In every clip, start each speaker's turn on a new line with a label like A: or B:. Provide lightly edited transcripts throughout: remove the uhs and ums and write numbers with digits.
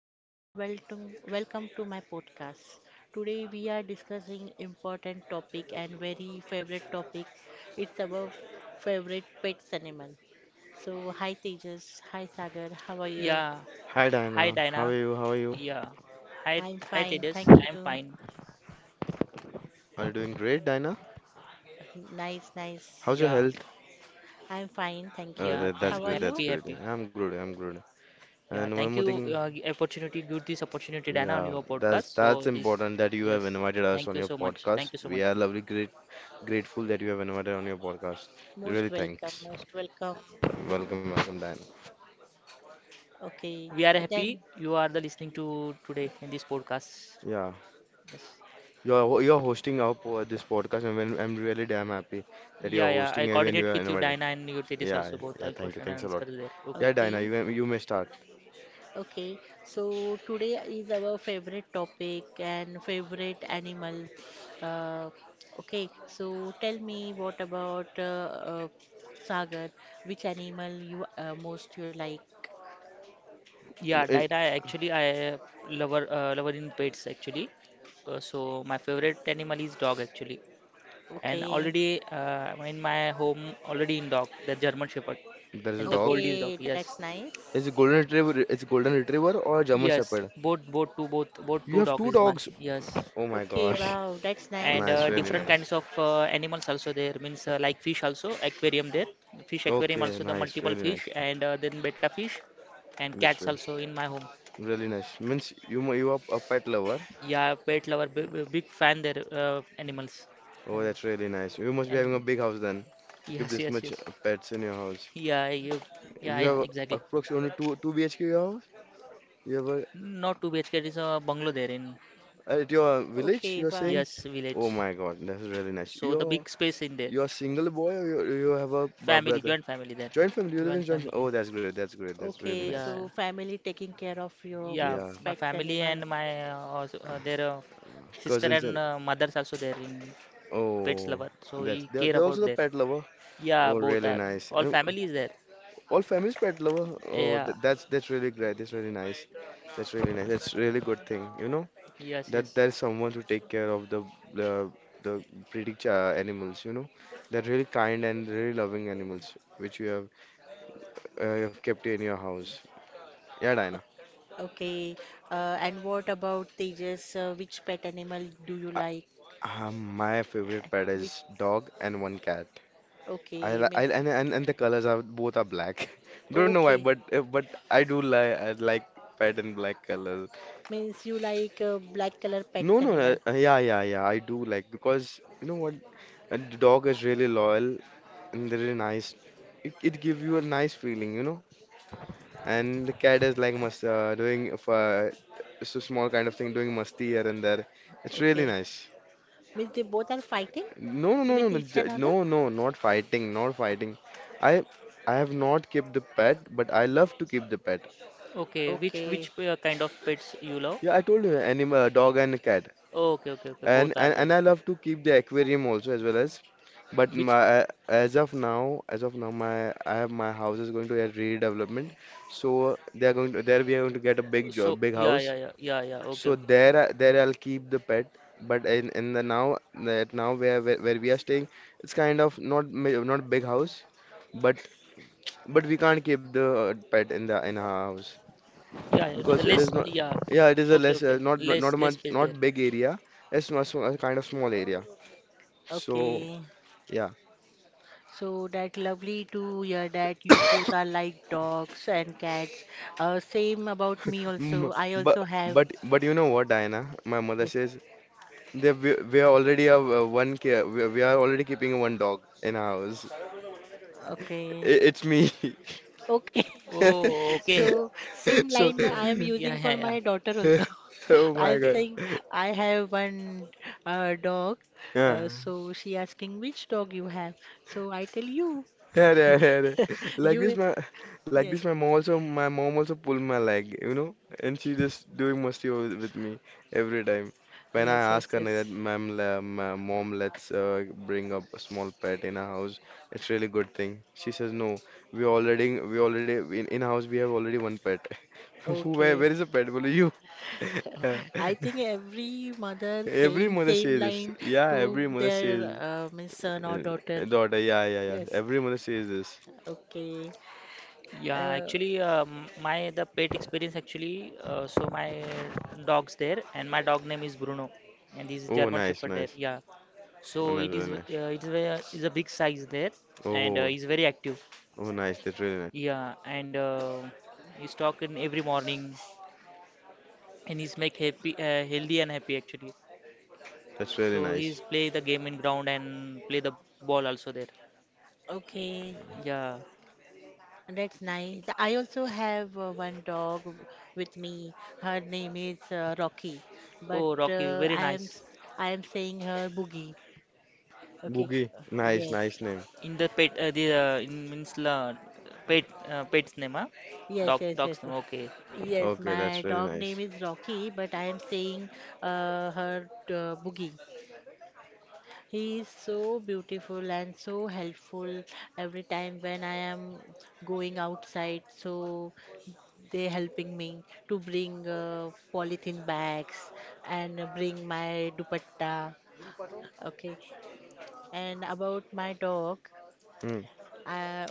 A: and Sagar, welcome, welcome to my podcast. Today we are discussing important topic and very favorite topic. It's about favorite pets animal. So hi Tejas, hi Sagar, how are you?
B: Yeah.
C: Hi
B: Hi,
C: Diana, how are
B: Dinah.
C: you? How are you?
B: Yeah. Hi,
A: I'm
B: hi,
A: fine,
B: Tejas.
A: thank
B: I'm
A: you.
B: fine.
C: Are you doing great, Diana?
A: Nice, nice.
C: How's your
B: Yeah.
C: health?
A: I'm fine, thank
C: Uh,
A: you.
B: Yeah.
C: that, that's
A: How are
B: Thank.
C: great.
A: you?
C: That's
B: Happy,
C: great. Yeah.
B: happy.
C: I'm good. I'm good. And
B: Yeah.
C: one more
B: Thank you.
C: thing,
B: Opportunity. Give this opportunity, Dinah, on
C: yeah,
B: your
C: that's
B: podcast. So
C: that's
B: this.
C: important that you have
B: Yes.
C: invited us on
B: Thank you
C: your
B: so much.
C: podcast.
B: Thank you so
C: We are
B: much.
C: lovely, great, grateful that you have invited on your podcast.
A: Most
C: Really,
A: welcome,
C: thanks.
A: most welcome.
C: Welcome, welcome, Diana.
A: Okay,
B: We are
A: then,
B: happy. You are the listening to today in this podcast.
C: Yeah,
B: Yes.
A: o-
C: you're hosting our this podcast, and I'm really damn happy that you're
B: Yeah. Yeah.
C: hosting
B: I
C: it and you
B: coordinate
C: are
B: with you,
C: invited.
B: Dinah, and you, Tejas
C: Yeah,
B: also
C: yeah.
B: both.
C: Yeah,
B: I
C: thank you.
B: question and
C: Thanks a
B: answer
C: lot.
B: there. Okay.
C: Yeah, Diana,
A: okay.
C: you may start.
A: Okay, so today is our favorite topic and favorite animal. Uh, okay, so tell me what about Sagar? Which animal you most you like?
C: In-
B: Yeah,
C: in-
B: Daira, actually, I lover lover in pets actually. So my favorite animal is dog actually, and
A: Okay,
B: already in my home already in dog the German Shepherd
C: there is a
B: and the
C: dog.
B: Goldie's dog.
A: okay,
B: Yes,
A: that's
C: Is
A: nice.
C: a golden retriever. It's golden retriever or German
B: yes,
C: Shepherd?
B: both two both both
C: You
B: two
C: have
B: dog
C: two
B: is my
C: dogs.
B: yes,
C: Oh my
A: Okay,
C: gosh.
A: wow, that's
B: and
A: nice.
C: Nice, really
B: different
C: nice.
B: kinds of animals also there means like fish also aquarium there fish aquarium
C: Okay,
B: also the
C: nice,
B: multiple
C: really
B: fish
C: nice.
B: and then betta fish and
C: That's
B: cats
C: re-
B: also in my home.
C: Really nice. Means you are a pet lover.
B: Yeah, pet lover, big fan there animals,
C: Oh,
B: and
C: that's really nice. You must be having a
B: and
C: big house then to keep
B: yes,
C: this
B: yes,
C: much
B: yes.
C: pets in your house.
B: Yeah, you, yeah,
C: You
B: yeah,
C: have
B: exactly.
C: approximately two two BHK your house? You have a,
B: Not 2 BHK, it is a bungalow there in
C: at your village,
A: Okay,
C: you're
A: wow.
C: saying?
B: yes village.
C: Oh my God, that's really nice.
B: So the
C: You're
B: big space in there,
C: you're a single boy or you have a
B: family,
C: brother?
B: joint family there,
C: Joint family, you live in
B: joint
C: joint family.
B: family.
C: Oh, that's great. That's great. That's really
A: Okay,
C: nice.
A: so
B: Yeah,
A: family taking care of your
B: yeah,
C: Yeah,
A: means
B: my
A: pets
B: family
A: animals.
B: and my also, their sister
C: cousins
B: and
C: and
B: mothers also there in pets
C: oh,
B: lover. So he
C: that's
B: care
C: they're also
B: about
C: the
B: there.
C: pet lover.
B: Yeah,
C: Oh,
B: both
C: really
B: are
C: nice.
B: all
C: And
B: family is there.
C: all families pet lover. Oh,
B: Yeah,
C: that's really great. That's really nice. That's really nice. That's really good thing. You know
B: yes,
C: that
B: yes.
C: there's someone to take care of the the pretty ch animals. You know they're really kind and really loving animals which you have kept in your house. Yeah, Diana.
A: Okay, and what about Tejas? Which pet animal do you
C: Uh,
A: like?
C: my favorite pet
A: Uh, Which
C: is dog and one cat.
A: okay
C: I
A: means
C: and, and the colors are both are black. Don't know why,
A: Okay
C: but I do I like pattern black colors.
A: means you like black color pets
C: No, no,
A: animal.
C: yeah, yeah, yeah. I do like because you know what, a dog is really loyal and really nice. It give you a nice feeling, you know. And the cat is like must doing if so small kind of thing, doing musty here and there. It's really
A: Okay
C: nice.
A: means they both are fighting
C: No, no, no, no,
A: with
C: no,
A: each
C: ju-
A: another.
C: no, no, not fighting, not fighting. I I have not kept the pet, but I love to keep the pet.
B: Okay, which
A: Okay,
B: which kind of pets you love?
C: Yeah, I told you, animal, dog and cat,
B: Okay, okay, okay.
C: and,
B: Both are
C: and
B: there.
C: and I love to keep the aquarium also as well as. But
B: Which?
C: my as of now, my I have my house is going to get redevelopment, so they are going to there we are going to get a big
B: So
C: job, big
B: yeah,
C: house.
B: yeah, yeah, yeah, yeah. Okay,
C: So
B: okay.
C: there I'll keep the pet. But in the now that now where, where we are staying, it's kind of not big house, but but we can't keep the pet in the in our house
B: Yeah, yeah, it is a
C: because it
B: less.
C: is not
B: Yeah.
C: yeah it is a
B: Okay,
C: less
B: okay.
C: not
B: Less
C: not
B: less
C: much
B: space there.
C: not big area it's a kind of small area so
A: okay.
C: yeah.
A: So that lovely to hear that you both are like dogs and cats. Same about me
C: Mm,
A: also. I
C: but
A: also have.
C: but you know what, Diana, my mother
A: Yes.
C: says that we are already a we are already keeping a one dog in our house.
A: Okay.
C: It's me.
A: Okay.
B: Oh, okay.
A: So same
C: So
A: line I
B: So,
A: am using
B: yeah,
A: for
B: yeah,
A: my
B: yeah.
A: daughter also.
C: oh my
A: I'm
C: god
B: Okay.
A: saying I have one dog.
C: yeah.
A: So she asking which dog you have. So I tell you.
C: Hey, hey, hey, hey. Like this,
A: You
C: my like
A: yes
C: this, my mom also my mom also pulled my leg, you know, and she just doing musty with me every time. When I
A: yes
C: ask
A: yes
C: her
A: Yes.
C: like that, mom, let's bring up a small pet in our house. It's really good thing. She says no. We already in house we have already one pet. Who
A: Okay.
C: where is the pet? Well, you.
A: I think every mother
C: Every
A: saying
C: mother
A: same
C: says this.
A: line
C: Yeah,
A: to
C: every mother
A: their
C: says
A: means son or daughter.
C: daughter. Yeah, yeah, yeah.
A: Yes.
C: Every mother says this.
A: Okay.
B: Yeah,
A: Uh,
B: actually, my the pet experience actually. So my dog's there, and my dog name is Bruno, and this is
C: Oh,
B: German
C: nice,
B: Shepherd there.
C: nice.
B: Yeah. So
C: Oh, nice, really nice.
B: it is a big size there, and
C: Oh,
B: is very active.
C: oh, nice. That's really nice.
B: Yeah, and he's talking every morning, and he's make happy, healthy and happy actually.
C: That's really
B: So
C: nice.
B: he's play the game in ground and play the ball also there.
A: okay.
B: Yeah.
A: That's nice. I also have one dog with me. Her name is Rocky, but
B: Oh, Rocky, very nice.
A: I am saying her Boogie. Okay.
C: Boogie. Nice,
A: Yes.
C: nice name.
B: In the pet, the in means la, pet, pet's name, huh?
A: Yes.
B: Dog,
A: Yes. Yes.
B: dog's
A: yes.
B: name. Okay.
A: Yes,
C: Okay, that's
A: my
C: really
A: dog name
C: nice.
A: is Rocky, but I am saying her Boogie. He is so beautiful and so helpful every time when I am going outside. So they helping me to bring polythene bags and bring my dupatta. Okay, and about my dog,
C: Hmm.
A: uh,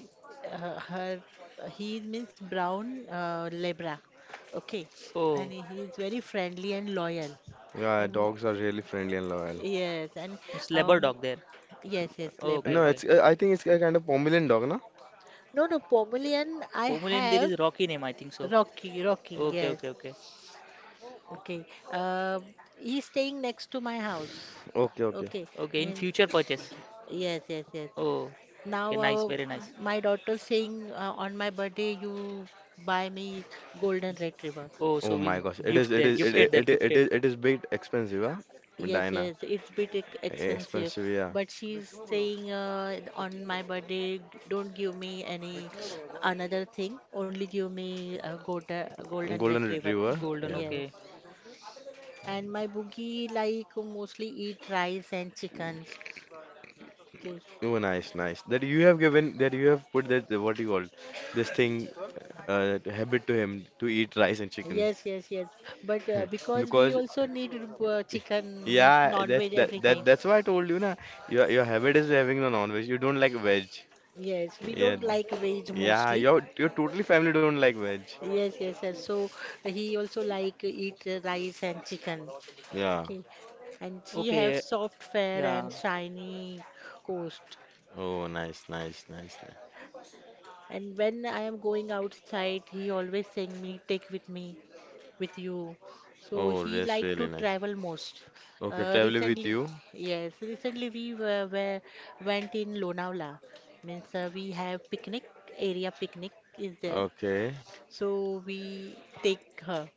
A: her her- he means brown Lebra. Okay, and
B: Oh,
A: he is very friendly and loyal.
C: Yeah,
A: And
C: dogs are really friendly and loyal.
A: yes, and
B: it's labor
A: um,
B: dog there.
A: yes, yes,
B: Okay,
A: Labor
C: No,
A: Dog.
B: okay.
C: it's. I think it's a kind of Pomeranian dog, no?
A: No, no, Pomelian, I
B: Pomeranian there
A: have
B: is Rocky name, I think so.
A: Rocky, Rocky,
B: Okay,
A: yes.
B: okay, okay.
A: Okay. Uh, he's staying next to my house.
C: Okay, okay.
A: Okay,
B: Okay, in
A: means
B: future purchase.
A: yes, yes, yes.
B: Oh, okay,
A: Now
B: nice, very nice.
A: my daughter saying on my birthday you buy me golden retriever.
B: Oh,
C: Oh
B: so is
C: my gosh, it is,
B: gift
C: it
B: there,
C: is, it,
A: Sure.
B: gifted
C: it,
B: there,
C: it,
B: gifted.
C: it is big expensive, huh?
A: Yes,
C: Medina.
A: yes, it's bit expensive,
C: Expensive, yeah.
A: but she's saying on my birthday don't give me any another thing, only give me a golden
C: Golden
A: retriever.
C: Retriever,
B: Golden,
C: yeah.
A: Yes,
B: okay.
A: and my boogie like mostly eat rice and chickens. Okay.
C: Oh, nice, nice. That you have given, that you have put that, what do you call, it? This thing, habit to him to eat rice and chicken.
A: Yes, yes, yes. But because we
C: Because
A: also need chicken, means
C: yeah that's
A: non-veg every time.
C: that's why I told you na, your habit is having the non-veg, you don't like veg.
A: Yes, we
C: Yeah
A: don't like veg
C: yeah
A: mostly.
C: your your totally family don't like veg.
A: Yes, yes, yes. So he also like eat rice and chicken.
C: Yeah.
A: Okay. And she have
B: Okay,
A: soft fare and
B: yeah.
A: shiny coast.
C: Oh nice, nice, nice, nice.
A: And when I am going outside, he always saying me, take with me. With you. So
C: Oh
A: he
C: that's
A: like to
C: really nice.
A: travel most.
C: Okay, travel with
A: Recently,
C: you.
A: yes, recently we were went in Lonavala. Means we have picnic area picnic is there.
C: Okay,
A: So we take her.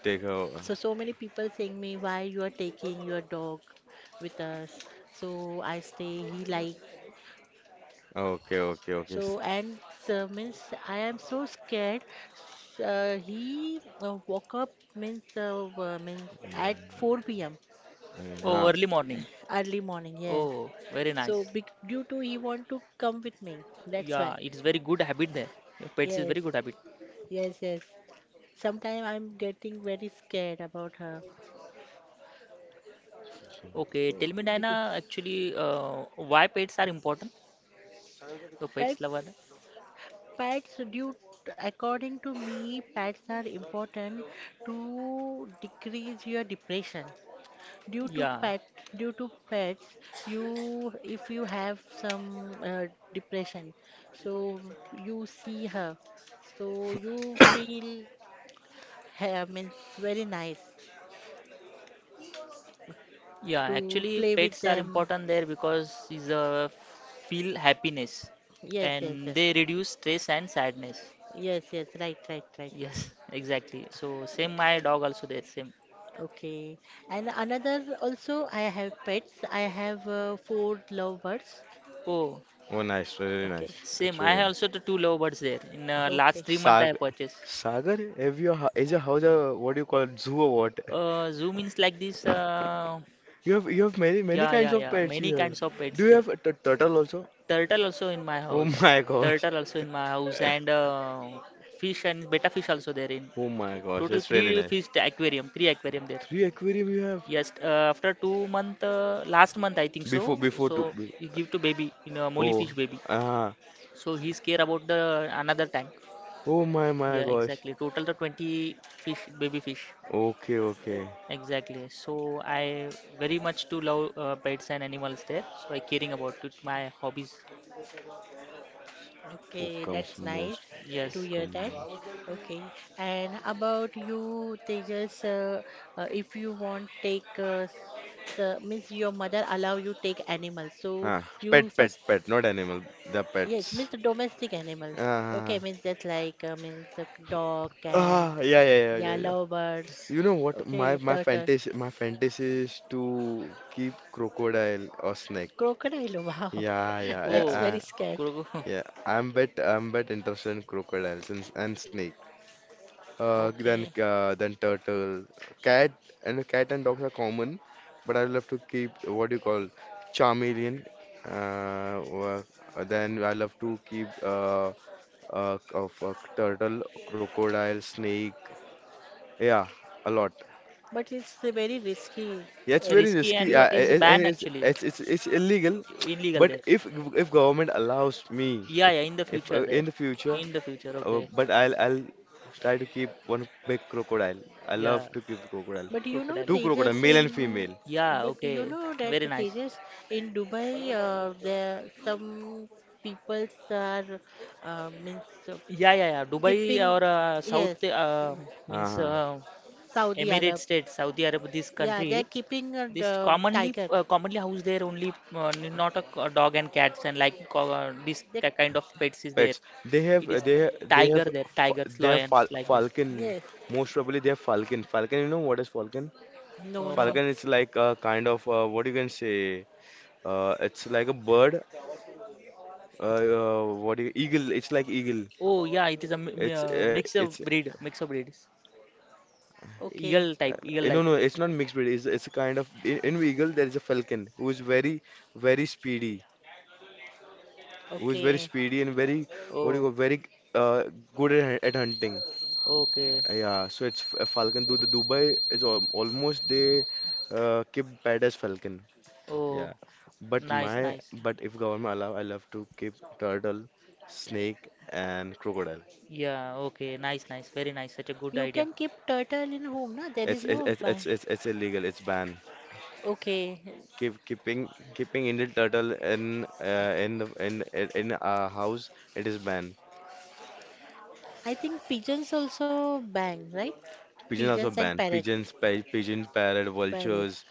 C: take over.
A: So so many people saying me why you are taking your dog with us. So I stay. He like.
C: Okay, okay, okay.
A: So and means I am so scared. Sh- he woke up means means at 4 p.m.
C: Okay, yeah.
B: Oh, early morning.
A: Early morning, yes.
B: Oh, very
A: So,
B: nice.
A: due to he want to come with me. That's
B: Yeah,
A: why.
B: it is very good habit there. Your Pets is
A: Yes,
B: very good habit.
A: yes, yes. Sometimes I'm getting very scared about her.
B: Okay,
A: Oh,
B: tell me,
A: becau-
B: Diana, actually, why pets are important? So pets
A: Pets,
B: lover.
A: pets, due according to me, pets are important to decrease your depression. Due to
B: Yeah,
A: pet, due to pets, you if you have some depression, so you see her. So you feel have means very nice
B: yeah.
A: to
B: Actually,
A: play with
B: pets are
A: them.
B: important there because is a feel happiness,
A: Yes, yes,
B: and
A: yes,
B: they reduce stress and sadness.
A: yes. Right, right, right.
B: Yes, exactly. So same
A: Okay,
B: my dog also there same.
A: okay. And another also, I have pets. I have four lovebirds.
B: Oh
C: Oh nice, really nice.
A: Okay,
C: It's
B: Same. I have
C: really.
B: also the two lovebirds there. In last
A: okay,
B: 3 month I
C: Sag
B: have purchased.
C: Sagar, have is your house a, what do you call it, zoo or what?
B: Zoo means like this.
C: You have many many
B: Yeah,
C: kinds
B: yeah,
C: of
B: yeah.
C: pets you
B: Many
C: have.
B: kinds of pets
C: Do you
B: there.
C: have a turtle also?
B: Turtle also in my
C: Oh
B: house.
C: my gosh.
B: Turtle also in my house and fish and betta fish also there. In
C: Oh my gosh,
B: total
C: that's really
B: three
C: nice.
B: fish aquarium, three aquarium there.
C: Three aquarium you have.
B: Yes. After 2 month, last month I think
C: before
B: so.
C: before two.
B: So
C: be-
B: you give to baby You know, molly
C: Oh,
B: fish baby.
C: ah.
B: So he's care about the another tank.
C: Oh my my
B: Yeah,
C: gosh.
B: exactly. Total the 20 fish, baby fish.
C: Okay okay.
B: Exactly. So I very much do love pets and animals there. So I caring about it. My hobbies.
C: Who
A: okay.
C: comes
A: That's nice
C: most? Who
A: to
B: Yes.
A: hear
C: comes
A: that.
C: most?
A: Okay. And about you, Tejas, if you want take the means your mother allow you take animals. So
C: Huh. Pet
A: you
C: pet
A: first
C: pet. Not animal. The
A: Yes, means
C: pets.
A: domestic animals. Okay,
C: Ah.
A: means just like means a dog, cat,
C: Ah, yeah, yeah, yeah,
A: yeah,
C: yeah, yeah.
A: lovebirds.
C: You know what? My
A: Okay,
C: my
A: turtle,
C: fantasy is to keep crocodile or snake.
A: crocodile. Wow,
C: Yeah, yeah, yeah,
A: that's
B: Oh,
A: very scared.
B: Kurogu.
C: yeah. I'm bet interested in crocodiles and snake.
A: Okay.
C: Then turtle, cat, and cat and dogs are common, but I will have to keep what do you call chameleon. Uh, wha- then I love to keep of turtle, crocodile, snake. Yeah, a lot.
A: But it's very risky.
C: Yeah, it's very
B: Risky
C: risky.
B: and
A: You,
B: but is
C: And
B: banned actually.
C: it's illegal.
B: Illegal
C: But
B: there.
C: if government allows me,
B: Yeah, yeah. In the
C: if
B: future there.
C: in the future
B: In the future. Okay.
C: But I'll try to keep one big crocodile. I love
B: Yeah.
C: to keep crocodile.
A: but you know
B: Crocodile.
C: Two
B: Okay.
C: crocodile,
A: Tejas
C: male
A: in,
C: and female.
B: Yeah.
A: But you
B: Okay.
A: know that
B: Very nice.
A: Tejas in Dubai, there some peoples are means
B: Yeah, yeah, yeah. Dubai
A: keeping
B: or
A: yes,
B: South means
C: Uh-huh.
A: Saudi
B: Emirate
A: Arab.
B: State, Saudi Arab, this
A: Yeah, they're
B: country.
A: keeping a
B: This commonly
A: tiger.
B: commonly house there only not a, dog and cats and like this
A: They,
B: kind of pets is there.
C: Pets.
B: It is
C: They
B: tiger
C: have
B: there, tigers,
C: they have
B: lions like this.
C: falcon.
A: yes.
C: Most probably they have falcon. Falcon, you know what is falcon?
A: No,
B: Uh, f-
A: no.
C: Falcon is like a kind of what you can say. It's like a bird. What do you, eagle? It's like eagle.
B: oh yeah, it is a
C: It's uh,
B: mix
C: it's
B: of breed, mix of breeds.
A: Okay,
B: Eagle
C: uh,
B: type, eagle
C: no
B: like.
C: no. It's not mixed breed. It's a kind of in eagle there is a falcon who is very very speedy. Who is very
A: okay.
C: speedy and very what do you
B: Oh,
C: call very uh, good at hunting.
B: okay.
C: Yeah, so it's Falcon. Though the Dubai is al almost they keep pet as Falcon.
B: Oh,
C: Yeah, but
B: nice,
C: my
B: nice.
C: but if government allow, I love to keep turtle, snake, and crocodile.
B: Yeah, okay, nice, nice, very nice. Such a good
A: You
B: idea.
A: can keep turtle in home, na? There is no ban.
C: It's illegal. It's banned.
A: Okay.
C: Keep keeping keeping Indian turtle in the in a house. It is banned.
A: I think pigeons also ban, right?
C: Pigeons also
A: Pigeons and
C: banned.
A: parrot.
C: Pigeons, pigeon, parrot,
A: Parrot.
C: vultures.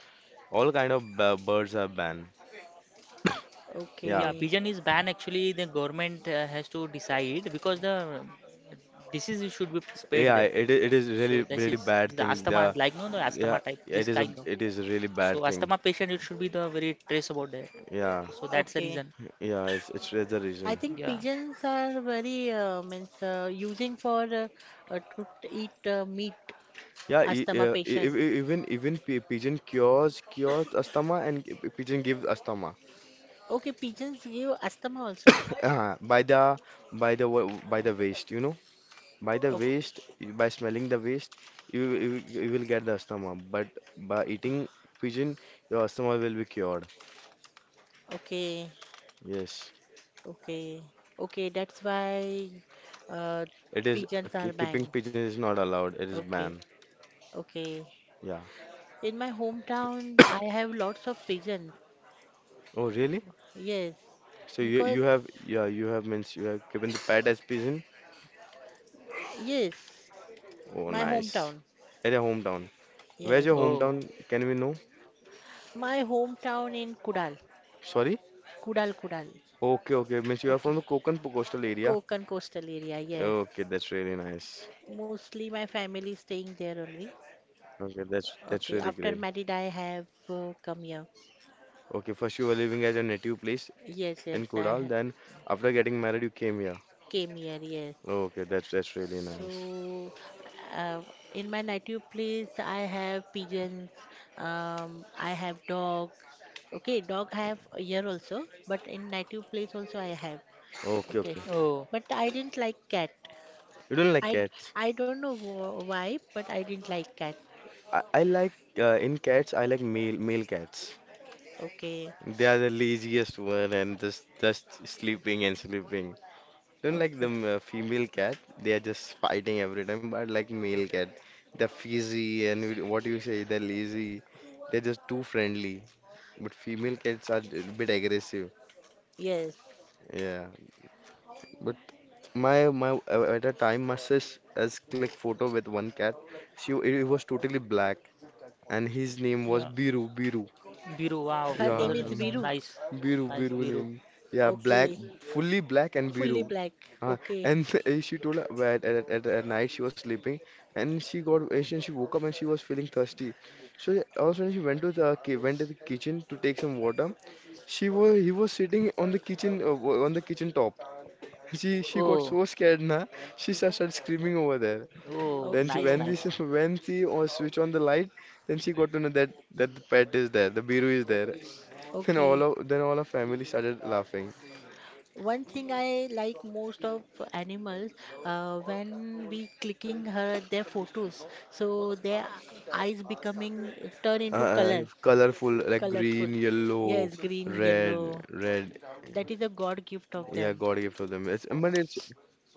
C: All kind of birds are banned. Yeah,
B: Yeah,
A: Okay,
B: pigeon is banned. Actually, the government has to decide because the disease should be spread
C: AI.
B: there.
C: It is really
B: So this is
C: really bad
B: the
C: thing. The
B: asthma, like no, the
C: yeah,
B: asthma type, this
C: it is a
B: kind of.
C: it is a really bad
B: So
C: thing.
B: asthma patient, it should be the very trace about that.
C: Yeah,
B: So that's the
A: okay.
B: reason.
C: yeah. It's that's the
A: I
C: reason.
A: think
B: Yeah.
A: pigeons are very means using for eat meat
C: Yeah,
A: asthma patient.
C: even pigeon cures asthma and pigeon gives asthma.
A: Okay, pigeons give asthma also.
C: Uh, by the by the wa- by the waste, you know, by the
A: Okay,
C: waste, by smelling the waste, you you will get the asthma. But by eating pigeon, your asthma will be cured.
A: okay.
C: Yes.
A: Okay. Okay, that's why uh,
C: It is
A: pigeons are banned.
C: keeping pigeons is not allowed. It is
A: Okay.
C: banned.
A: Okay.
C: Yeah.
A: In my hometown, I have lots of pigeons.
C: Oh, really?
A: Yes.
C: So you
A: Because,
C: you have yeah you have means you have given the pet as pigeon.
A: yes,
C: Oh,
A: my
C: nice.
A: hometown.
C: At your hometown. Where's
A: Yes.
C: your
B: Oh.
C: hometown? Can we know?
A: My hometown in Kudal.
C: Sorry?
A: Kudal, Kudal.
C: Okay, okay. Means you are
A: Okay.
C: from the Konkan coastal area.
A: Konkan coastal area. Yes.
C: Okay, that's really nice.
A: Mostly my family is staying there only.
C: Okay, that's
A: Okay.
C: really
A: After
C: great.
A: married, I have come here.
C: Okay, first you were living at your native place
A: Yes, yes,
C: in
A: I
C: Kodal,
A: have
C: then after getting married you came here.
A: came here. Yes.
C: Okay, that's really nice.
A: So, uh, in my native place, I have pigeons, I have dog. Okay, dog I have here also, but in native place also I have.
C: Okay,
A: Okay,
C: okay.
B: Oh.
A: but I didn't like cat.
C: You don't like
A: I
C: cats?
A: I don't know why, but I didn't like cat.
C: I like in cats. I like male cats.
A: Okay,
C: They are the laziest one and just sleeping and sleeping. Don't like the
A: okay,
C: female cat. They are just fighting every time. But I like male cat. They're fizzy and what you say. They're lazy. They're just too friendly. But female cats are a bit aggressive.
A: yes.
C: Yeah. But my at a time my sis has clicked photo with one cat. She, it was totally black and his name was
B: Yeah.
C: Biru.
B: Biru. Wow.
A: Her
B: Was
C: Yeah,
A: name
B: it
A: is
B: Nice.
C: um,
A: Biru.
B: Nice.
C: Biru,
B: Nice.
C: Biru
B: Biru.
C: name. Yeah, black,
A: Okay,
C: fully black and
A: fully
C: Biru.
A: black.
C: Uh,
A: Okay,
C: and she told her where at night she was sleeping and she woke up and she was feeling thirsty. So also when she went to the went to the kitchen to take some water. She was he was sitting on the kitchen on the kitchen top. She got
B: Oh.
C: so scared na. She started screaming over there.
B: Oh.
C: Then she
B: Nice.
C: when
A: okay,
C: this
B: Nice.
C: when she or switch on the light, then she got to know that the pet is there, the Biru is there. Then all
A: okay.
C: of then all our family started laughing.
A: One thing I like most of animals, when we clicking her their photos, so their eyes becoming turn into color,
C: Colorful like
A: colorful.
C: green, yellow,
A: Yes, green,
C: red,
A: yellow.
C: red.
A: That is a God gift of
C: Yeah,
A: them.
C: God gave to them. It's but it's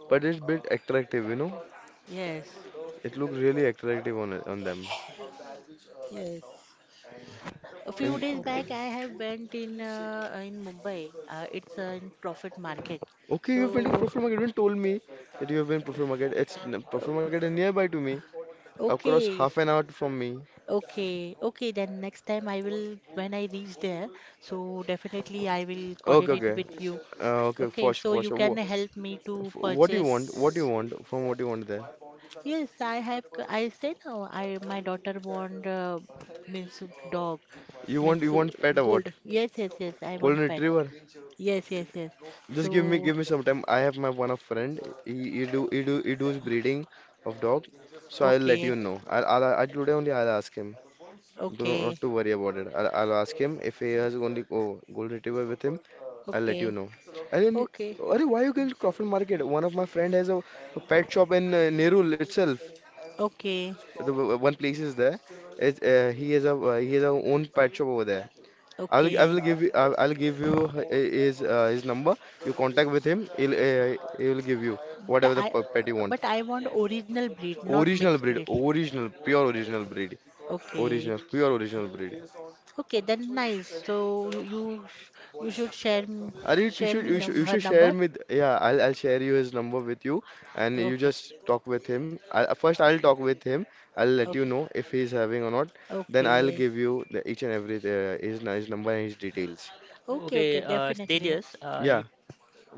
C: but it's bit attractive, you know.
A: Yes,
C: It looked really attractive on on them.
A: yes. A few
C: And
A: days back, I have went in Mumbai. It's In Prophet Market.
C: Okay, you've been
A: So,
C: to Prefer Market. You didn't told me that you have been to Prefer Market. Prefer
A: uh,
C: Market is nearby to me, across
A: okay,
C: half an hour from me.
A: Okay, okay, then next time I will, when I reach there, so definitely I will
C: Okay,
A: coordinate
C: okay,
A: with you.
C: okay,
A: Okay,
C: for sure,
A: so
C: for
A: you
C: sure.
A: can help me to
C: What do you want? What do you
A: purchase.
C: want? From what do you want there?
A: Yes, I have, I said, no, I, my daughter want, means dog,
C: You
A: means
C: want pet or what?
A: gold. Yes, yes, yes, I
C: Golden
A: want pet.
C: Retriever?
A: Yes, yes, yes.
C: Just give me
A: So,
C: Give me some time. I have my one of friend. He does breeding of dog. So I'll let
A: okay,
C: you know. I today only I'll ask him. Do not, Not
A: okay,
C: to worry about it. I'll ask him if he has only gold retriever with him. I'll let you
A: okay,
C: know. And then,
A: okay,
C: Arey, why you going to Crawford Market? One of my friend has a pet shop in Nerul itself.
A: okay,
C: One place is there. It's, he has a own pet shop over there.
A: okay.
C: I'll give you his number. You contact with him. He'll he will give you
A: But
C: whatever the
A: I,
C: pet you want.
A: but I want original breed, not
C: Original
A: mixed
C: breed,
A: breed.
C: original, pure original breed,
A: Okay,
C: original, pure original breed.
A: okay, then nice. You should share,
C: Are you, you
A: share
C: should
A: me
C: you should
A: num
C: You
A: her
C: should share
A: number.
C: with yeah. I'll share you his number with you, and you
A: Okay,
C: just talk with him. First I'll talk with him. I'll let you
A: okay,
C: know if he's having or not. Then I'll
A: okay,
C: give you the each and every his his number and his details.
A: okay,
B: Okay,
A: definitely.
B: stages. You
C: Yeah,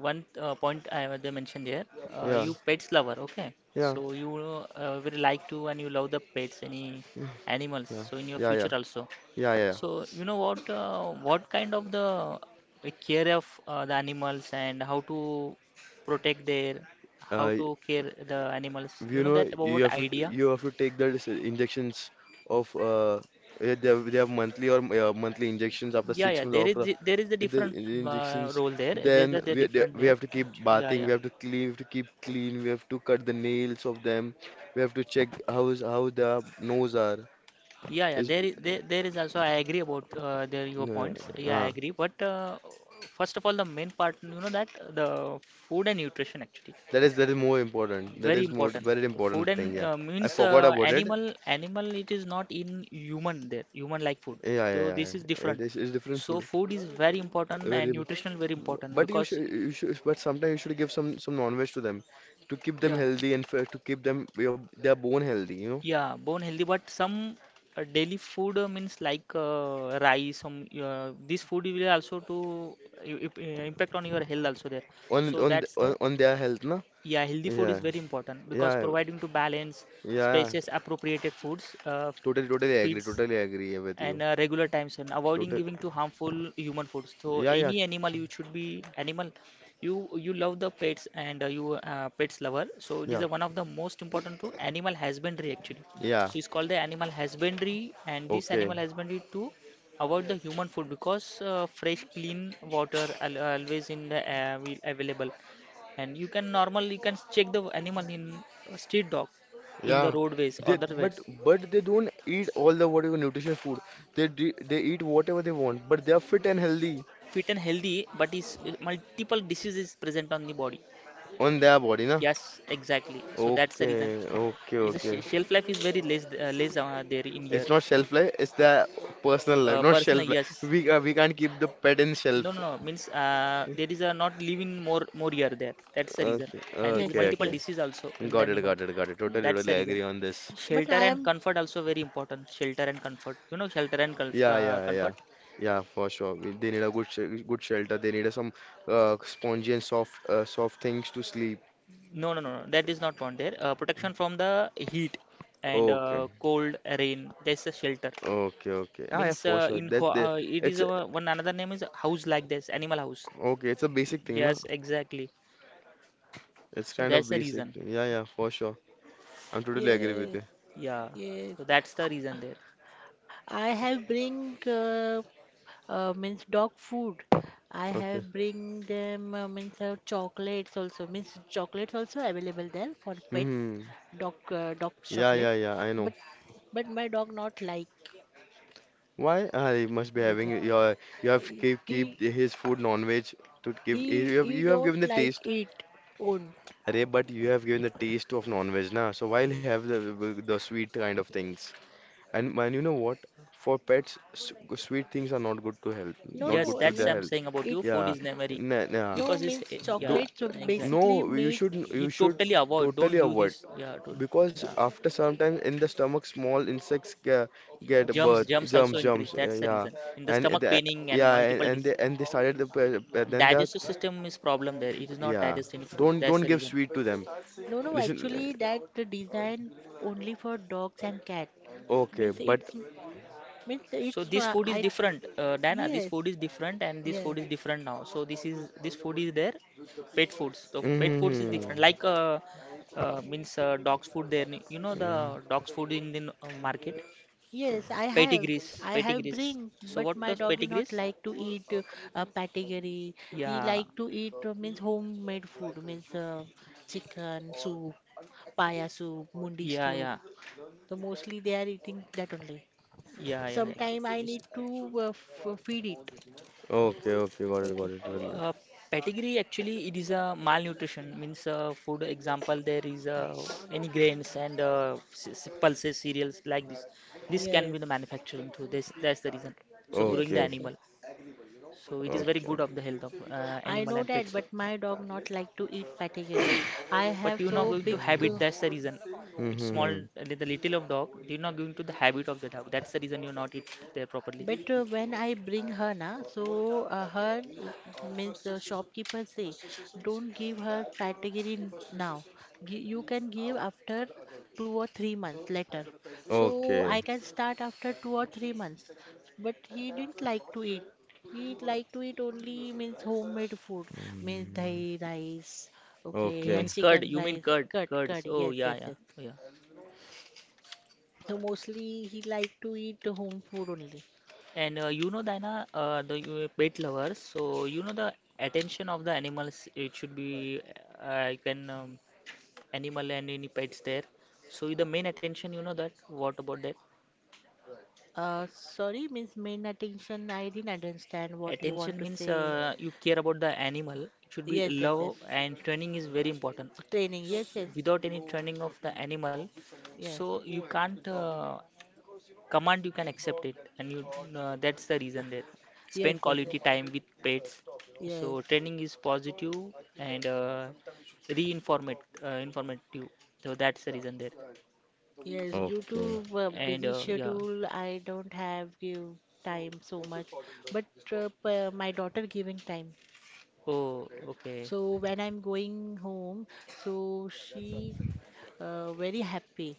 B: one point I have they mentioned here. Please.
C: yeah,
B: You pets lover. Okay,
C: yeah,
B: so you will like to and you love the pets, any
C: yeah,
B: animals.
C: yeah,
B: So in your
C: yeah,
B: future
C: yeah,
B: also.
C: yeah, yeah.
B: So you know what kind of the care of the animals and how to protect their how
C: Uh,
B: to care the animals. You
C: you
B: know
C: know
B: that
C: you
B: about
C: have to
B: idea.
C: you have to take the injections of they have monthly or monthly injections after
B: Yeah,
C: six
B: yeah.
C: months after
B: There is the different
C: in the injections
B: role there. There
C: then
B: is the different
C: we
B: there.
C: have to keep
B: Yeah,
C: bathing,
B: yeah.
C: we have to clean, we have to keep clean, we have to cut the nails of them, we have to check how is how their nose are
B: Yeah, yeah.
C: is
B: There is there, there is also. I agree about there your
C: uh,
B: points. Yeah, I
C: uh,
B: agree. But first of all, the main part, you know that the food and nutrition actually.
C: that is more important, that
B: Very
C: is more
B: important
C: very
B: food
C: important thing,
B: and
C: yeah. I
B: means
C: forgot about it,
B: animal it is not in human there human like food
C: yeah, yeah,
B: so
C: yeah,
B: this is
C: yeah. It
B: different
C: is, it's different
B: so
C: food,
B: food is very important
C: very.
B: and nutritional very important
C: But
B: because
C: you should, but sometimes you should give some non-veg to them to keep them
B: yeah
C: healthy and f to keep their bone healthy, you know,
B: yeah bone healthy but some daily food means like rice some this food will also to impact on your health also there
C: on
B: so that's the
C: on their health, na?
B: yeah healthy
C: Yeah,
B: food is
C: yeah,
B: very important because
C: yeah,
B: providing to balance
C: yeah.
B: spaces appropriated foods
C: Totally, totally agree.
B: feeds
C: Totally agree here with
B: and
C: you.
B: regular times and avoiding
C: Total.
B: giving to harmful human foods so
C: Yeah, yeah,
B: any animal you should be animal you you love the pets and you pets lover so it is
C: yeah,
B: one of the most important to animal husbandry actually
C: yeah.
B: so it's called the animal husbandry and this
C: Okay.
B: animal husbandry to avoid the human food because fresh clean water al always in the available and you can normally you can check the animal in street dog in
C: Yeah.
B: the roadways
C: They,
B: other ways
C: but they don't eat all the whatever nutritious food. They eat whatever they want, but they are fit and healthy
B: fit and healthy, but is multiple diseases present on the body.
C: on their body, na?
B: Yes, exactly. So that's the reason.
C: Okay, okay,
B: Is the
C: okay.
B: shelf life is very less less there in year.
C: It's not shelf life, it's the personal life, not
B: Personal,
C: shelf life.
B: yes.
C: We can't keep the pet in
B: No,
C: shelf.
B: no, no. Means there is a not living more more year there. That's the reason.
C: Okay,
B: And there is
A: Yes,
C: okay,
A: yes,
B: multiple
A: yes.
C: okay.
B: disease also in the
C: Got it,
B: animal.
C: got it, got it. Totally,
B: That's
C: totally
B: the reason.
C: agree on this.
A: But
B: Shelter
A: I
B: and
A: am,
B: comfort also very important. Shelter and comfort. You know, shelter and
C: Yeah, yeah, yeah.
B: comfort.
C: Yeah, for sure. They need a good shelter. They need a some spongy and soft soft things to sleep.
B: No, no, no, no. That is not found there. Protection from the heat and
C: Okay,
B: cold rain. That's a shelter.
C: okay, okay. Yeah, yeah,
B: Means
C: for sure.
B: in ho
C: That the
B: it
C: it's
B: is
C: a,
B: one another name is house like this, animal house.
C: okay. It's a basic thing, na?
B: Yes, exactly.
C: It's
B: So
C: kind of
B: that's the
C: basic
B: reason.
C: thing. Yeah, yeah, for sure. I'm totally agree with
A: yes,
C: you.
B: Yeah.
A: yes.
B: So that's the reason there.
A: I have bring means dog food. I
C: Okay.
A: have bring them means chocolates also means chocolates also available there for pets,
C: Hmm.
A: dog
C: Yeah,
A: chocolate.
C: yeah, yeah. I
A: But
C: know.
A: but my dog not like
C: Why you must be
A: because
C: having your you have
A: he
C: keep
A: he
C: keep his food non-veg to give,
A: he
C: you have given
A: don't
C: the
A: like
C: taste.
A: it own.
C: Arey, but you have given the taste of non-veg na. So why
A: Ye-
C: have the sweet kind of things? And man, you know what? For pets, sweet things are not good to health,
A: No
C: not
B: Yes,
C: good
A: no
C: to
B: that's
C: their
A: means
B: I'm
C: health.
B: saying about
A: it
B: you. Food
C: Yeah,
B: is memory
C: nah, nah.
A: no
B: because it's
A: means
C: Do,
B: yeah,
A: chocolates are
B: exactly.
C: no,
A: basically made.
B: You
C: you should
B: totally avoid. Don't
C: totally
B: give
C: avoid
B: this. Yeah, don't,
C: because
B: yeah.
C: after some time in the stomach small insects
B: Yeah.
C: get
B: Germs
C: birth
B: germs also
C: jumps
B: increase
C: jumps yeah
B: that's the
C: yeah.
B: reason in the
C: and
B: stomach
C: the,
B: paining and
C: yeah,
B: multiple dis
C: and they started the then that
B: digestive system is problem there it is not
C: yeah,
B: digesting food
C: don't
B: that's the
C: give
B: reason
C: sweet to them.
A: No no
C: Listen.
A: actually that the design only for dogs and cat
C: Okay,
A: means
C: but
A: it's means
B: so
A: it's
B: this food is
A: I
B: different Diana this
A: Yes,
B: food is different and this
A: yes,
B: food is different now so this is this food is there pet foods so pet foods is different like
C: mm-hmm.
B: means dog's food there you know the dog's food in the market
A: yes, I have.
B: Pedigrees,
A: I have
B: pedigrees.
A: bring,
B: So
A: but
B: what
A: my
B: does
A: doggy not
B: pedigrees?
A: like to eat a category. He
B: Yeah,
A: like to eat means homemade food, means chicken soup, paya soup, mundi
B: yeah,
A: soup.
B: yeah,
A: So mostly they are eating that only.
B: yeah, yeah, yeah.
A: Sometime I
B: Yes.
A: need to f feed it.
C: Okay, okay, got it, got
A: Okay.
C: it, got it.
B: Uh, pedigree actually it is a malnutrition means food example there is any grains and pulses cereals like this can
A: Yes.
B: be the manufacturing too this that's the reason so growing
A: Yes,
B: the
C: Okay,
A: yes, yes.
B: animal so it is very
C: okay.
B: good of the health of
A: I
B: animal
A: know
B: and
A: that,
B: pets
A: but my dog not like to eat category. I
B: but
A: have
B: you're not
A: so
B: going to
A: big.
B: habit that's the reason it's
A: Yes.
B: small
C: Mm-hmm.
B: the little of dog you're not going to the habit of the dog that's the reason you're not eat there properly
A: But when I bring her na, so her w- means shopkeeper say, don't give her category now. You can give after 2 or 3 months later. So
C: Okay.
A: I can start after 2 or 3 months. But he didn't like to eat. He like to eat only means homemade food, means
C: Mm,
A: dahi rice, okay, yeah,
C: okay,
A: chicken
B: you mean
A: rice,
B: curd
A: cut,
B: curds
A: curd.
B: oh
A: Yes,
B: yeah
A: yes,
B: yeah
A: yes.
B: yeah
A: So mostly he like to eat home food only.
B: And you know, Diana, pet lovers, so you know the attention of the animals, it should be you can animal and any pets there. So the main attention, you know that. What about that?
A: Sorry, Miss Main Attention, I didn't understand what you
B: Attention
A: want to
B: means
A: say.
B: you care about the animal. It should be
A: Yes, yes, yes.
B: love and training is very important.
A: Training, yes, yes,
B: Without any training of the animal,
A: yes,
B: so you can't command. You can accept it, and you that's the reason there.
A: yes,
B: Spend
A: yes, yes,
B: quality time with pets. So
A: yes.
B: training is positive and reinformate informative. So that's the reason there.
A: Yes, Due
C: okay,
A: to
B: And
A: busy
B: yeah.
A: schedule, I don't have give time so much, but my daughter giving time.
B: Oh, okay.
A: So when I'm going home, so she very happy.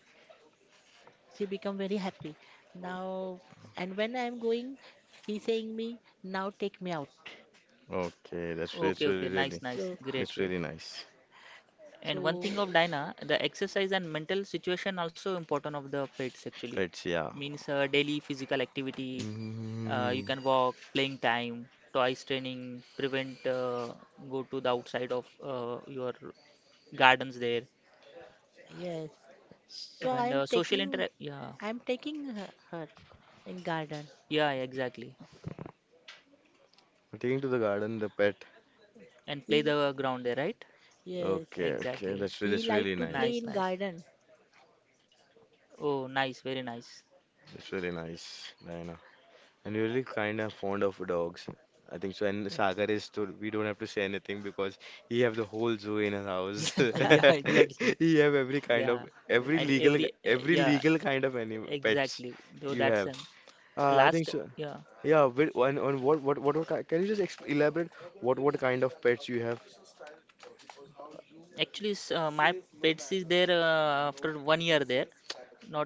A: She become very happy now, and when I'm going, he saying me now take me out.
C: okay. That's
B: Okay, okay.
C: really
B: Nice,
C: really,
B: nice.
A: So
B: Great,
C: that's
B: great.
C: really nice.
B: And one
A: So
B: thing of Dinah, the exercise and mental situation also important of the pets actually.
C: Pets, yeah.
B: Means daily physical activity, you
C: Mm,
B: can walk, playing time, toys training, prevent go to the outside of your gardens there,
A: yes. So
B: and social interact. Yeah,
A: I am taking her, her in garden.
B: yeah, yeah, exactly.
C: taking to the garden, the pet.
B: And play
A: He
B: the ground there, right?
A: yes.
C: Okay, okay.
B: Exactly.
A: He
C: That's
A: like
C: really
A: to
C: nice.
A: play
B: Nice,
A: in
B: nice.
A: garden.
B: Oh, nice, very nice.
C: That's really nice, Diana. And you're really kind of fond of dogs. I think so. And Sagar is too. We don't have to say anything because he have the whole zoo in his house.
B: Yeah, yeah, exactly.
C: He have every kind
B: Yeah,
C: of
B: and every
C: every
B: yeah,
C: legal kind of any pets
B: exactly, though
C: you
B: that's
C: have. I think
B: last
C: so.
B: yeah.
C: Yeah. With, on can you just exp elaborate what kind of pets you have?
B: Actually, my pets is there after 1 year there. Not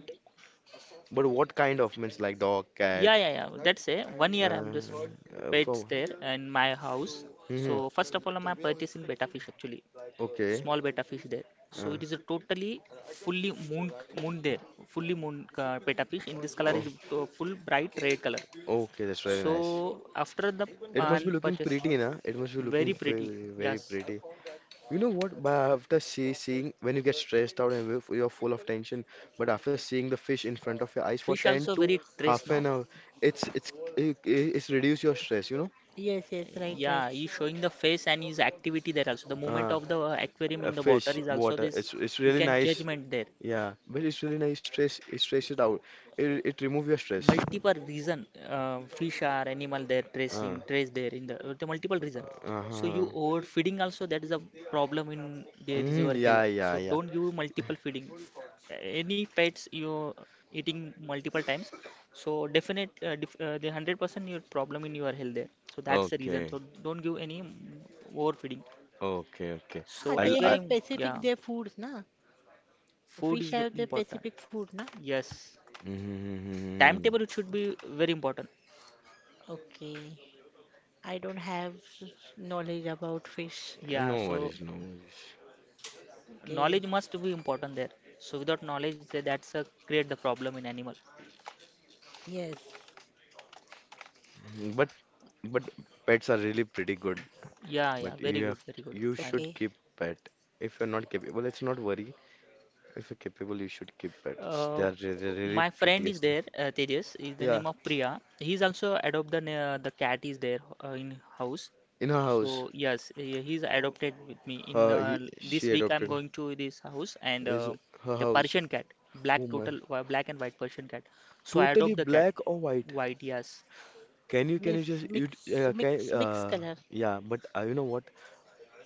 C: But what kind of means like dog, cat.
B: yeah yeah yeah. That's it. One
C: Uh,
B: year I'm just pets
C: from
B: there in my house. So
C: hmm,
B: first of all, my pet is in betta fish actually,
C: okay.
B: small betta fish there. So
C: Uh,
B: it is a totally fully moon there, fully moon betta fish. In this color
C: oh,
B: is full bright red color.
C: okay, that's really
B: So
C: nice.
B: after the
C: It must be
B: man
C: looking
B: purchase,
C: pretty, na? It must be
B: very
C: looking very,
B: pretty.
C: very, very
B: Yes,
C: pretty. You know what? But after seeing when you get stressed out and you're full of tension, but after seeing the fish in front of your eyes for
B: fish
C: 10
B: also
C: to
B: very trace
C: half an
B: now.
C: hour, it's it's it's reduce your stress, you know?
A: Yes, yes, right, right.
B: Yeah, he's showing the face and his activity there also. The movement
C: Uh,
B: of the aquarium
C: a
B: in the water
C: fish,
B: is also
C: water.
B: this.
C: It's
B: You
C: really
B: can
C: nice.
B: judgment there.
C: Yeah, but it's really nice. Stress, it stresses out. It remove your stress.
B: Multiple reason fish are animal, they're tracing
C: Uh,
B: trace there in the multiple reason, so
C: uh-huh.
B: you overfeeding also, that is a problem in there is your
C: Mm, yeah,
B: health,
C: yeah,
B: so
C: yeah.
B: don't give multiple feeding any pets you eating multiple times, so the 100% your problem in your health there, so that's the reason,
C: Okay,
B: so don't give overfeeding,
C: okay, okay.
B: so
A: Ah,
C: I'll,
A: they
C: I,
A: have
B: aquarium, yeah,
A: specific their foods, na?
B: food
A: Fish
B: is the
A: have their
B: important,
A: specific food, na?
B: yes,
C: mm,
B: timetable, it should be very important,
A: Okay. I don't have knowledge about fish.
B: yeah,
C: no
B: so
C: worries, no worries.
A: Okay.
B: knowledge must be important there, so without knowledge that's a create the problem in animal.
A: Yes.
C: Mm. But pets are really pretty good.
B: Yeah, yeah,
C: But
B: very
C: you
B: good,
C: have
B: very good,
C: You
B: nice.
C: should
A: Okay.
C: keep pet. If you're not capable, well, let's not worry. If you're capable, you should keep pets. They
B: Uh,
C: are really, really
B: my friend is
C: prettiest thing.
B: there, Tejas is the
C: Yeah,
B: name of Priya, he's also adopt the cat is there, in house.
C: in her
B: So
C: house.
B: yes, he's adopted with me in this
C: She
B: week. I'm
C: adopted
B: going to this house, and
C: is her
B: the
C: house.
B: Persian cat,
C: Oh
B: black
C: my.
B: total, black and white Persian cat, so I
C: Totally
B: adopt the cat,
C: black or white.
B: white, yes.
C: Can you
A: Miss
C: just you can
A: mix color.
C: Yeah. But you know what?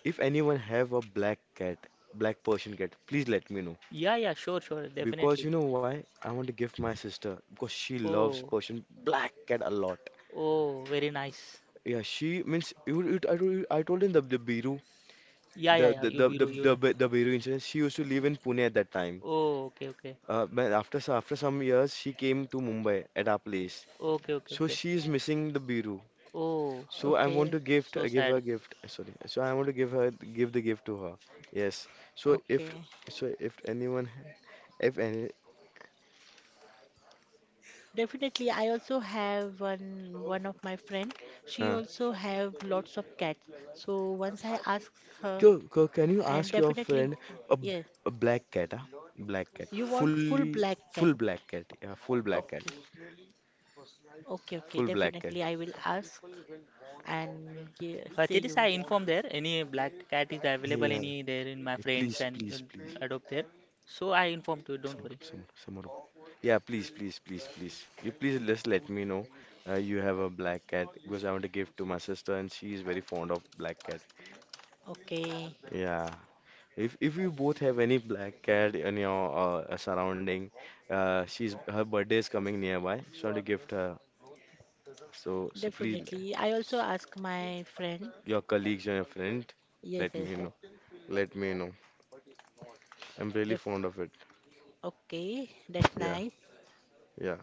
C: If anyone have a black cat, black Persian cat, please let me know.
B: Yeah, yeah, sure, sure,
C: Because you
B: definitely.
C: know why? I want to give my sister because she loves
B: Oh.
C: Persian black cat a lot.
B: Oh, very nice.
C: Yeah, she means told you, I told him the Biru
B: Yeah, yeah, yeah. Yubiru, you know.
C: The Biru incident. She used to live in Pune at that time.
B: Oh, okay, okay.
C: But after some years, she came to Mumbai at our place.
B: Okay, okay,
C: So
B: okay.
C: she is missing the Biru.
B: Oh,
C: So I want
A: Okay.
C: to
B: so
C: give her
B: sad.
C: gift. Sorry. So I want to give her give the gift to her. Yes. So if
A: Okay.
C: so if anyone If any,
A: Definitely, I also have one of my friend. She
C: uh,
A: also have lots of cats. So once I asked her,
C: Go, go, can you
A: and
C: ask your
A: definitely,
C: friend a, b-
A: yes,
C: a black cat? Huh? Black cat,
A: you want full
C: fully,
A: black cat.
C: full black cat. Yeah, full black cat,
A: Okay, okay, okay.
C: full black cat.
A: Definitely, I will ask and say
B: Tejas, I
A: you.
B: inform there any black cat is available
C: Yeah, yeah,
B: any there in my friends
C: please,
B: and
C: please, please.
B: adopt there. So I informed you, don't worry.
C: Some more. Yeah, please, please, please, please. You please just let me know you have a black cat because I want to give to my sister and she is very fond of black cat.
A: Okay,
C: Yeah, if you both have any black cat in your surrounding, she's her birthday is coming nearby. So I want to gift her. So so please,
A: definitely. I also ask my friend.
C: your colleagues or your friend,
A: Yes,
C: let
A: yes,
C: me
A: yes.
C: know. Let me know. I'm really
A: Def
C: fond of it.
A: Okay, that's
C: Yeah,
A: nice.
C: yeah.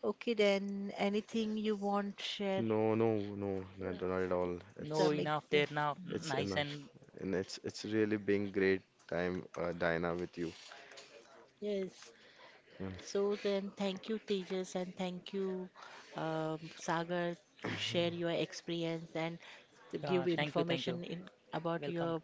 A: Okay, then anything you want share
C: No, no, no, not, not at all.
B: No,
A: some ex
B: enough there now.
C: It's
B: Nice.
C: enough,
B: And
C: and it's really been great time, Diana, with you.
A: yes.
C: Yeah.
A: So then, thank you, Tejas, and thank you, Sagar, to share your experience and give
B: yeah, thank you, thank you.
A: information in about
B: Welcome.
A: your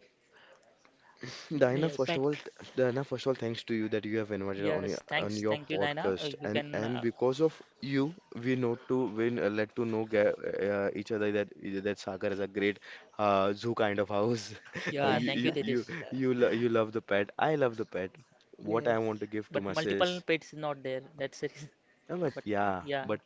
C: Diana,
A: means
C: first
B: Yes,
A: pet.
C: of all, Diana, first of all, thanks to you that you have invited
B: yes,
C: on
B: thanks,
C: your
B: thank you, Dina.
C: podcast,
B: You can,
C: and because of you, we know to win let to know each other that that Sagar is a great zoo kind of house.
B: yeah,
C: you
B: thank
A: Yes,
B: you,
C: you you
B: Tejas.
C: you lo you love the pet. I love the pet. What I
A: yes,
C: want to give to
B: But
C: my sis.
B: multiple pets not there. That's the reason. But
C: Yeah,
B: yeah.
C: but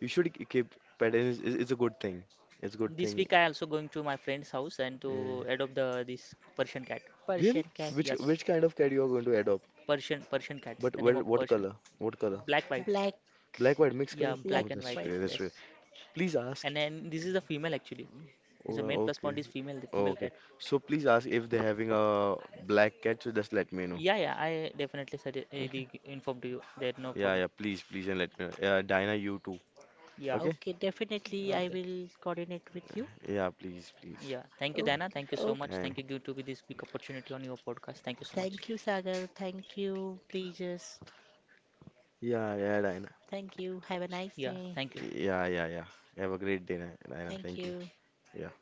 C: you should keep pet. And it's, it's a good thing. It's a good
B: This
C: thing.
B: week I also going to my friend's house and to
C: Yeah.
B: adopt the this Persian cat.
C: Really?
A: Persian cat,
B: Yes,
C: Which kind of cat you are going to adopt?
B: Persian cat.
C: But
B: The name of
C: what
B: Persian.
C: color? What color?
B: Black white.
A: black,
C: Black, white, mixed color?
B: Yeah,
A: black,
C: Oh,
B: black and white.
A: white.
C: that's right.
B: Yes.
C: Please ask.
B: And then this is a female actually. This is
C: Oh,
B: the main plus point
C: okay.
B: is female. The
C: Oh,
B: female
C: okay.
B: cat.
C: So please ask if they're having a black cat. So just let me know.
B: Yeah, yeah. I definitely suggest,
C: Okay.
B: the, inform to you. There no
C: Yeah,
B: problem.
C: yeah. Please, please, and let me know. Yeah, Dinah, you too.
B: Yeah.
C: Okay.
A: Okay, definitely, I
B: Okay.
A: will coordinate with you.
C: Yeah, please, please.
B: Yeah. Thank you,
C: Okay.
B: Dana.
A: Okay,
B: Thank you so
A: oh,
B: much.
C: Thank-.
B: Thank you, give to me this big opportunity on your podcast. Thank you so much.
A: thank you, Sagar. Thank you, Tejas.
C: Yeah, yeah, Dinah.
A: Thank you. Have a nice
B: Yeah.
A: day.
B: Thank you.
C: Yeah, yeah, yeah. Have a great day, Dinah. Dinah,
A: Thank
C: thank you.
A: you.
C: Yeah.